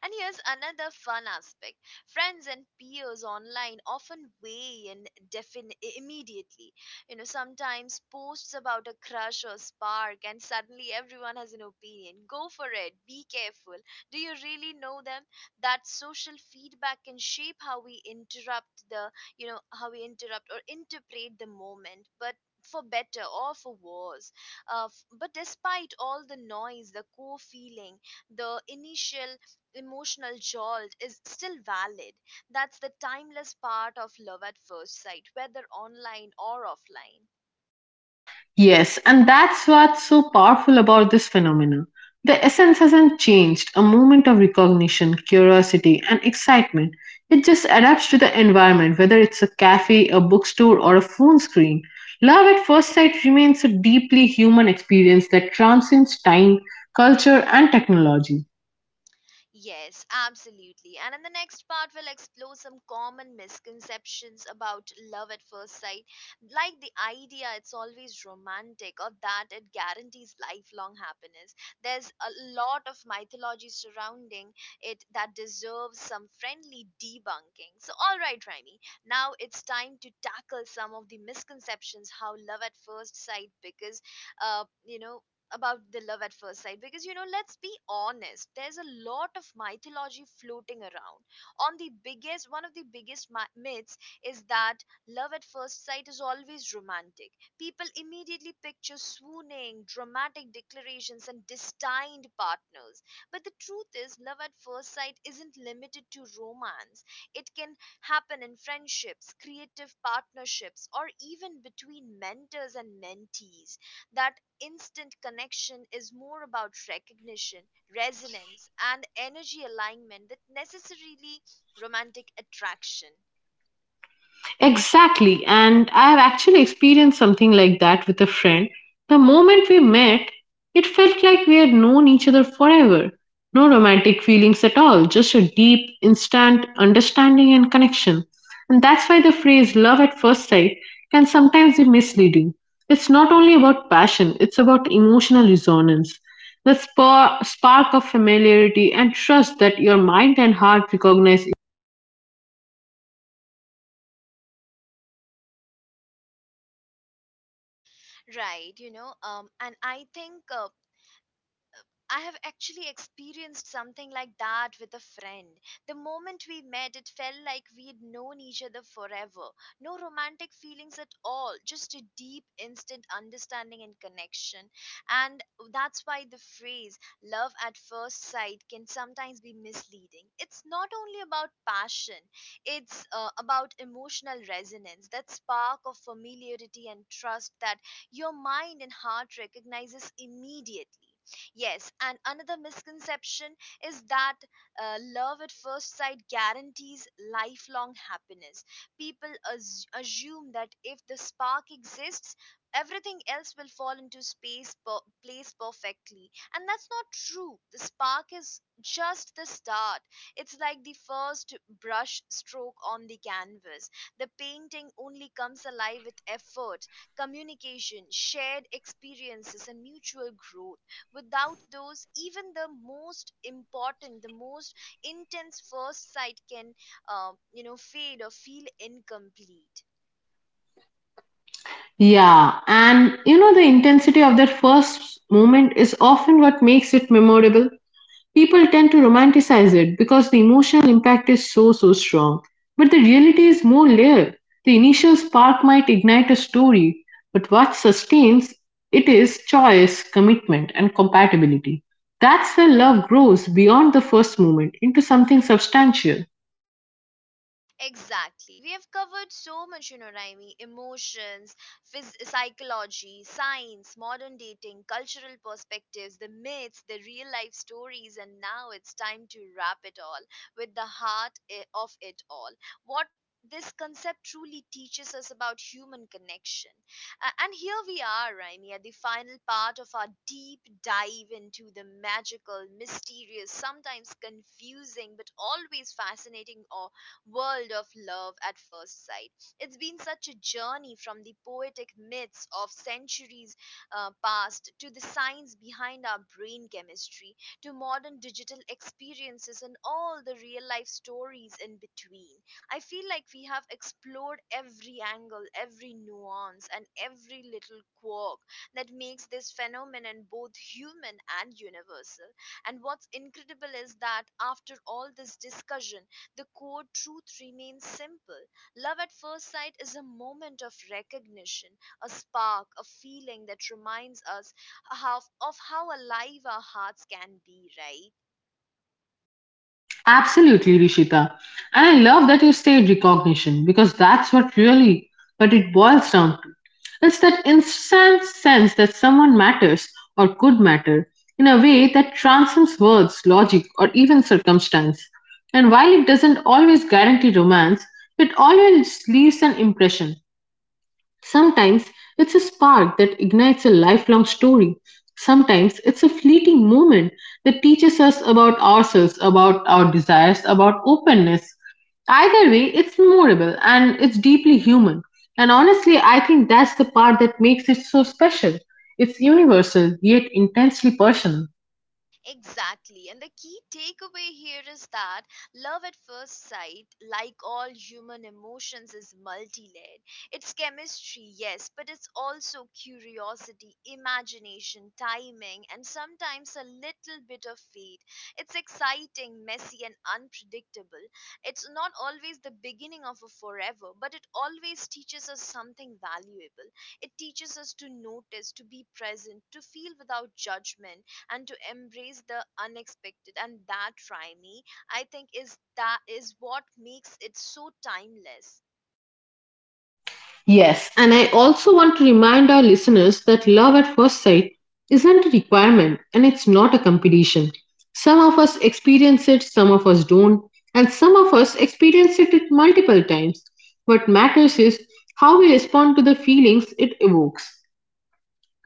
Speaker 1: And here's another fun aspect, friends and peers online often weigh in immediately. You know, sometimes posts about a crush or spark, and suddenly everyone has an opinion. Go for it, be careful. Do you really know them? That social feedback can shape how we interrupt the, you know, how we interrupt or interpret the moment, but for better or for worse, but despite all the noise, the core feeling, the initial emotional jolt is still valid. That's the timeless part of love at first sight, whether online or offline.
Speaker 2: Yes, and that's what's so powerful about this phenomena. The essence hasn't changed, a moment of recognition, curiosity, and excitement. It just adapts to the environment, whether it's a cafe, a bookstore, or a phone screen. Love at first sight remains a deeply human experience that transcends time, culture, and technology.
Speaker 1: Yes, absolutely. And in the next part, we'll explore some common misconceptions about love at first sight, like the idea it's always romantic or that it guarantees lifelong happiness. There's a lot of mythology surrounding it that deserves some friendly debunking. So, all right, Raimi, now it's time to tackle some of the misconceptions how love at first sight, because, you know, about the love at first sight, because, you know, let's be honest, there's a lot of mythology floating around. On the biggest One of the biggest myths is that love at first sight is always romantic. People immediately picture swooning, dramatic declarations, and destined partners. But the truth is love at first sight isn't limited to romance. It can happen in friendships, creative partnerships, or even between mentors and mentees. That instant connection is more about recognition, resonance, and energy alignment than necessarily romantic attraction.
Speaker 2: Exactly. And I have actually experienced something like that with a friend. The moment we met, it felt like we had known each other forever. No romantic feelings at all, just a deep, instant understanding and connection. And that's why the phrase love at first sight can sometimes be misleading. It's not only about passion, it's about emotional resonance. The spark of familiarity and trust that your mind and heart recognize.
Speaker 1: Right, you know, and I think I have actually experienced something like that with a friend. The moment we met, it felt like we'd known each other forever. No romantic feelings at all, just a deep, instant understanding and connection. And that's why the phrase love at first sight can sometimes be misleading. It's not only about passion, it's about emotional resonance, that spark of familiarity and trust that your mind and heart recognizes immediately. Yes, and another misconception is that love at first sight guarantees lifelong happiness. People assume that if the spark exists, everything else will fall into place perfectly. And that's not true, the spark is just the start. It's like the first brush stroke on the canvas, the painting only comes alive with effort, communication, shared experiences, and mutual growth. Without those, even the most intense first sight can, fade or feel incomplete.
Speaker 2: Yeah, and you know, the intensity of that first moment is often what makes it memorable. People tend to romanticize it because the emotional impact is so, so strong. But the reality is more layered. The initial spark might ignite a story, but what sustains it is choice, commitment, and compatibility. That's where love grows beyond the first moment into something substantial.
Speaker 1: Exactly. We have covered so much, you know, Raimi: emotions, psychology, science, modern dating, cultural perspectives, the myths, the real life stories, and now it's time to wrap it all with the heart of it all. What this concept truly teaches us about human connection. And here we are, Raimi, at the final part of our deep dive into the magical, mysterious, sometimes confusing, but always fascinating or world of love at first sight. It's been such a journey from the poetic myths of centuries past, to the science behind our brain chemistry, to modern digital experiences, and all the real life stories in between. I feel like we have explored every angle, every nuance, and every little quirk that makes this phenomenon both human and universal. And what's incredible is that after all this discussion, the core truth remains simple. Love at first sight is a moment of recognition, a spark, a feeling that reminds us of how alive our hearts can be, right?
Speaker 2: Absolutely, Rishita. And I love that you say recognition because that's what really what it boils down to. It's that instant sense that someone matters or could matter in a way that transcends words, logic, or even circumstance. And while it doesn't always guarantee romance, it always leaves an impression. Sometimes it's a spark that ignites a lifelong story. Sometimes it's a fleeting moment that teaches us about ourselves, about our desires, about openness. Either way, it's memorable and it's deeply human. And honestly, I think that's the part that makes it so special. It's universal, yet intensely personal.
Speaker 1: Exactly. And the key takeaway here is that love at first sight, like all human emotions, is multi layered. It's chemistry, yes, but it's also curiosity, imagination, timing, and sometimes a little bit of fate. It's exciting, messy, and unpredictable. It's not always the beginning of a forever, but it always teaches us something valuable. It teaches us to notice, to be present, to feel without judgment, and to embrace the unexpected. And that try I think is that is what makes it so timeless.
Speaker 2: Yes, and I also want to remind our listeners that love at first sight isn't a requirement and it's not a competition. Some of us experience it, some of us don't, and some of us experience it multiple times. What matters is how we respond to the feelings it evokes.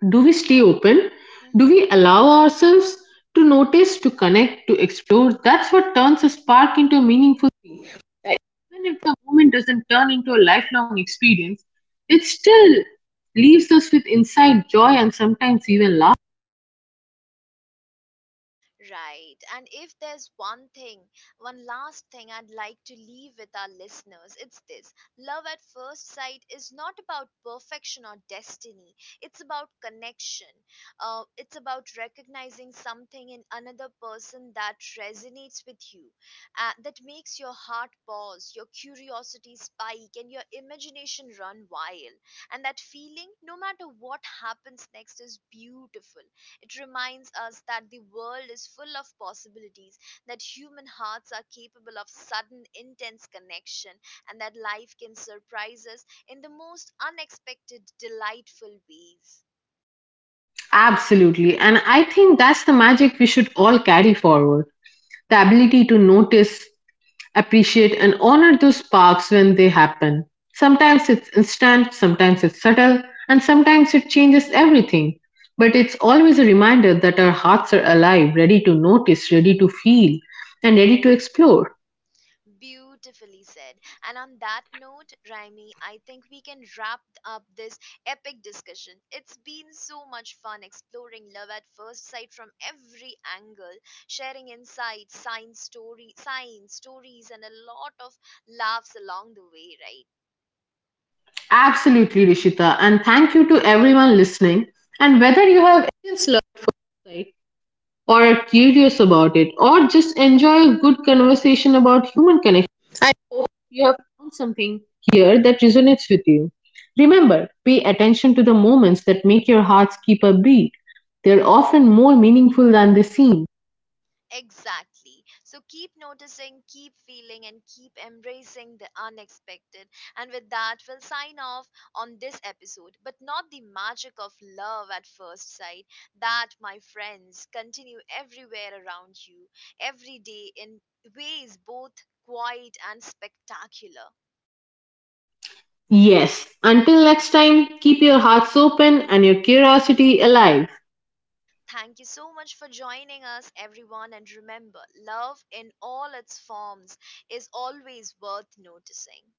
Speaker 2: Do we stay open? Do
Speaker 1: Mm-hmm.
Speaker 2: we allow ourselves to notice, to connect, to explore? That's what turns a spark into a meaningful thing. That even if the moment doesn't turn into a lifelong experience, it still leaves us with insight, joy, and sometimes even laughter.
Speaker 1: Right. And if there's one thing, one last thing I'd like to leave with our listeners, it's this: love at first sight is not about perfection or destiny, it's about connection. It's about recognizing something in another person that resonates with you, that makes your heart pause, your curiosity spike, and your imagination run wild. And that feeling, no matter what happens next, is beautiful. It reminds us that the world is full of possibilities, that human hearts are capable of sudden, intense connection, and that life can surprise us in the most unexpected, delightful ways.
Speaker 2: Absolutely. And I think that's the magic we should all carry forward the ability to notice, appreciate and honor those sparks when they happen. Sometimes it's instant, sometimes it's subtle, and sometimes it changes everything. But it's always a reminder that our hearts are alive, ready to notice, ready to feel, and ready to explore.
Speaker 1: Beautifully said. And on that note, Raimi, I think we can wrap up this epic discussion. It's been so much fun exploring love at first sight from every angle, sharing insights, science stories, and a lot of laughs along the way, right?
Speaker 2: Absolutely, Rishita, and thank you to everyone listening. And whether you have experience or are curious about it, or just enjoy a good conversation about human connection. I hope you have found something here that resonates with you. Remember, pay attention to the moments that make your hearts keep a beat. They're often more meaningful than they seem.
Speaker 1: Exactly. So keep noticing, keep feeling, and keep embracing the unexpected. And with that, we'll sign off on this episode, but not the magic of love at first sight. That, my friends, continue everywhere around you, every day, in ways both quiet and spectacular.
Speaker 2: Yes, until next time, keep your hearts open and your curiosity alive.
Speaker 1: Thank you so much for joining us, everyone. And remember, love in all its forms is always worth noticing.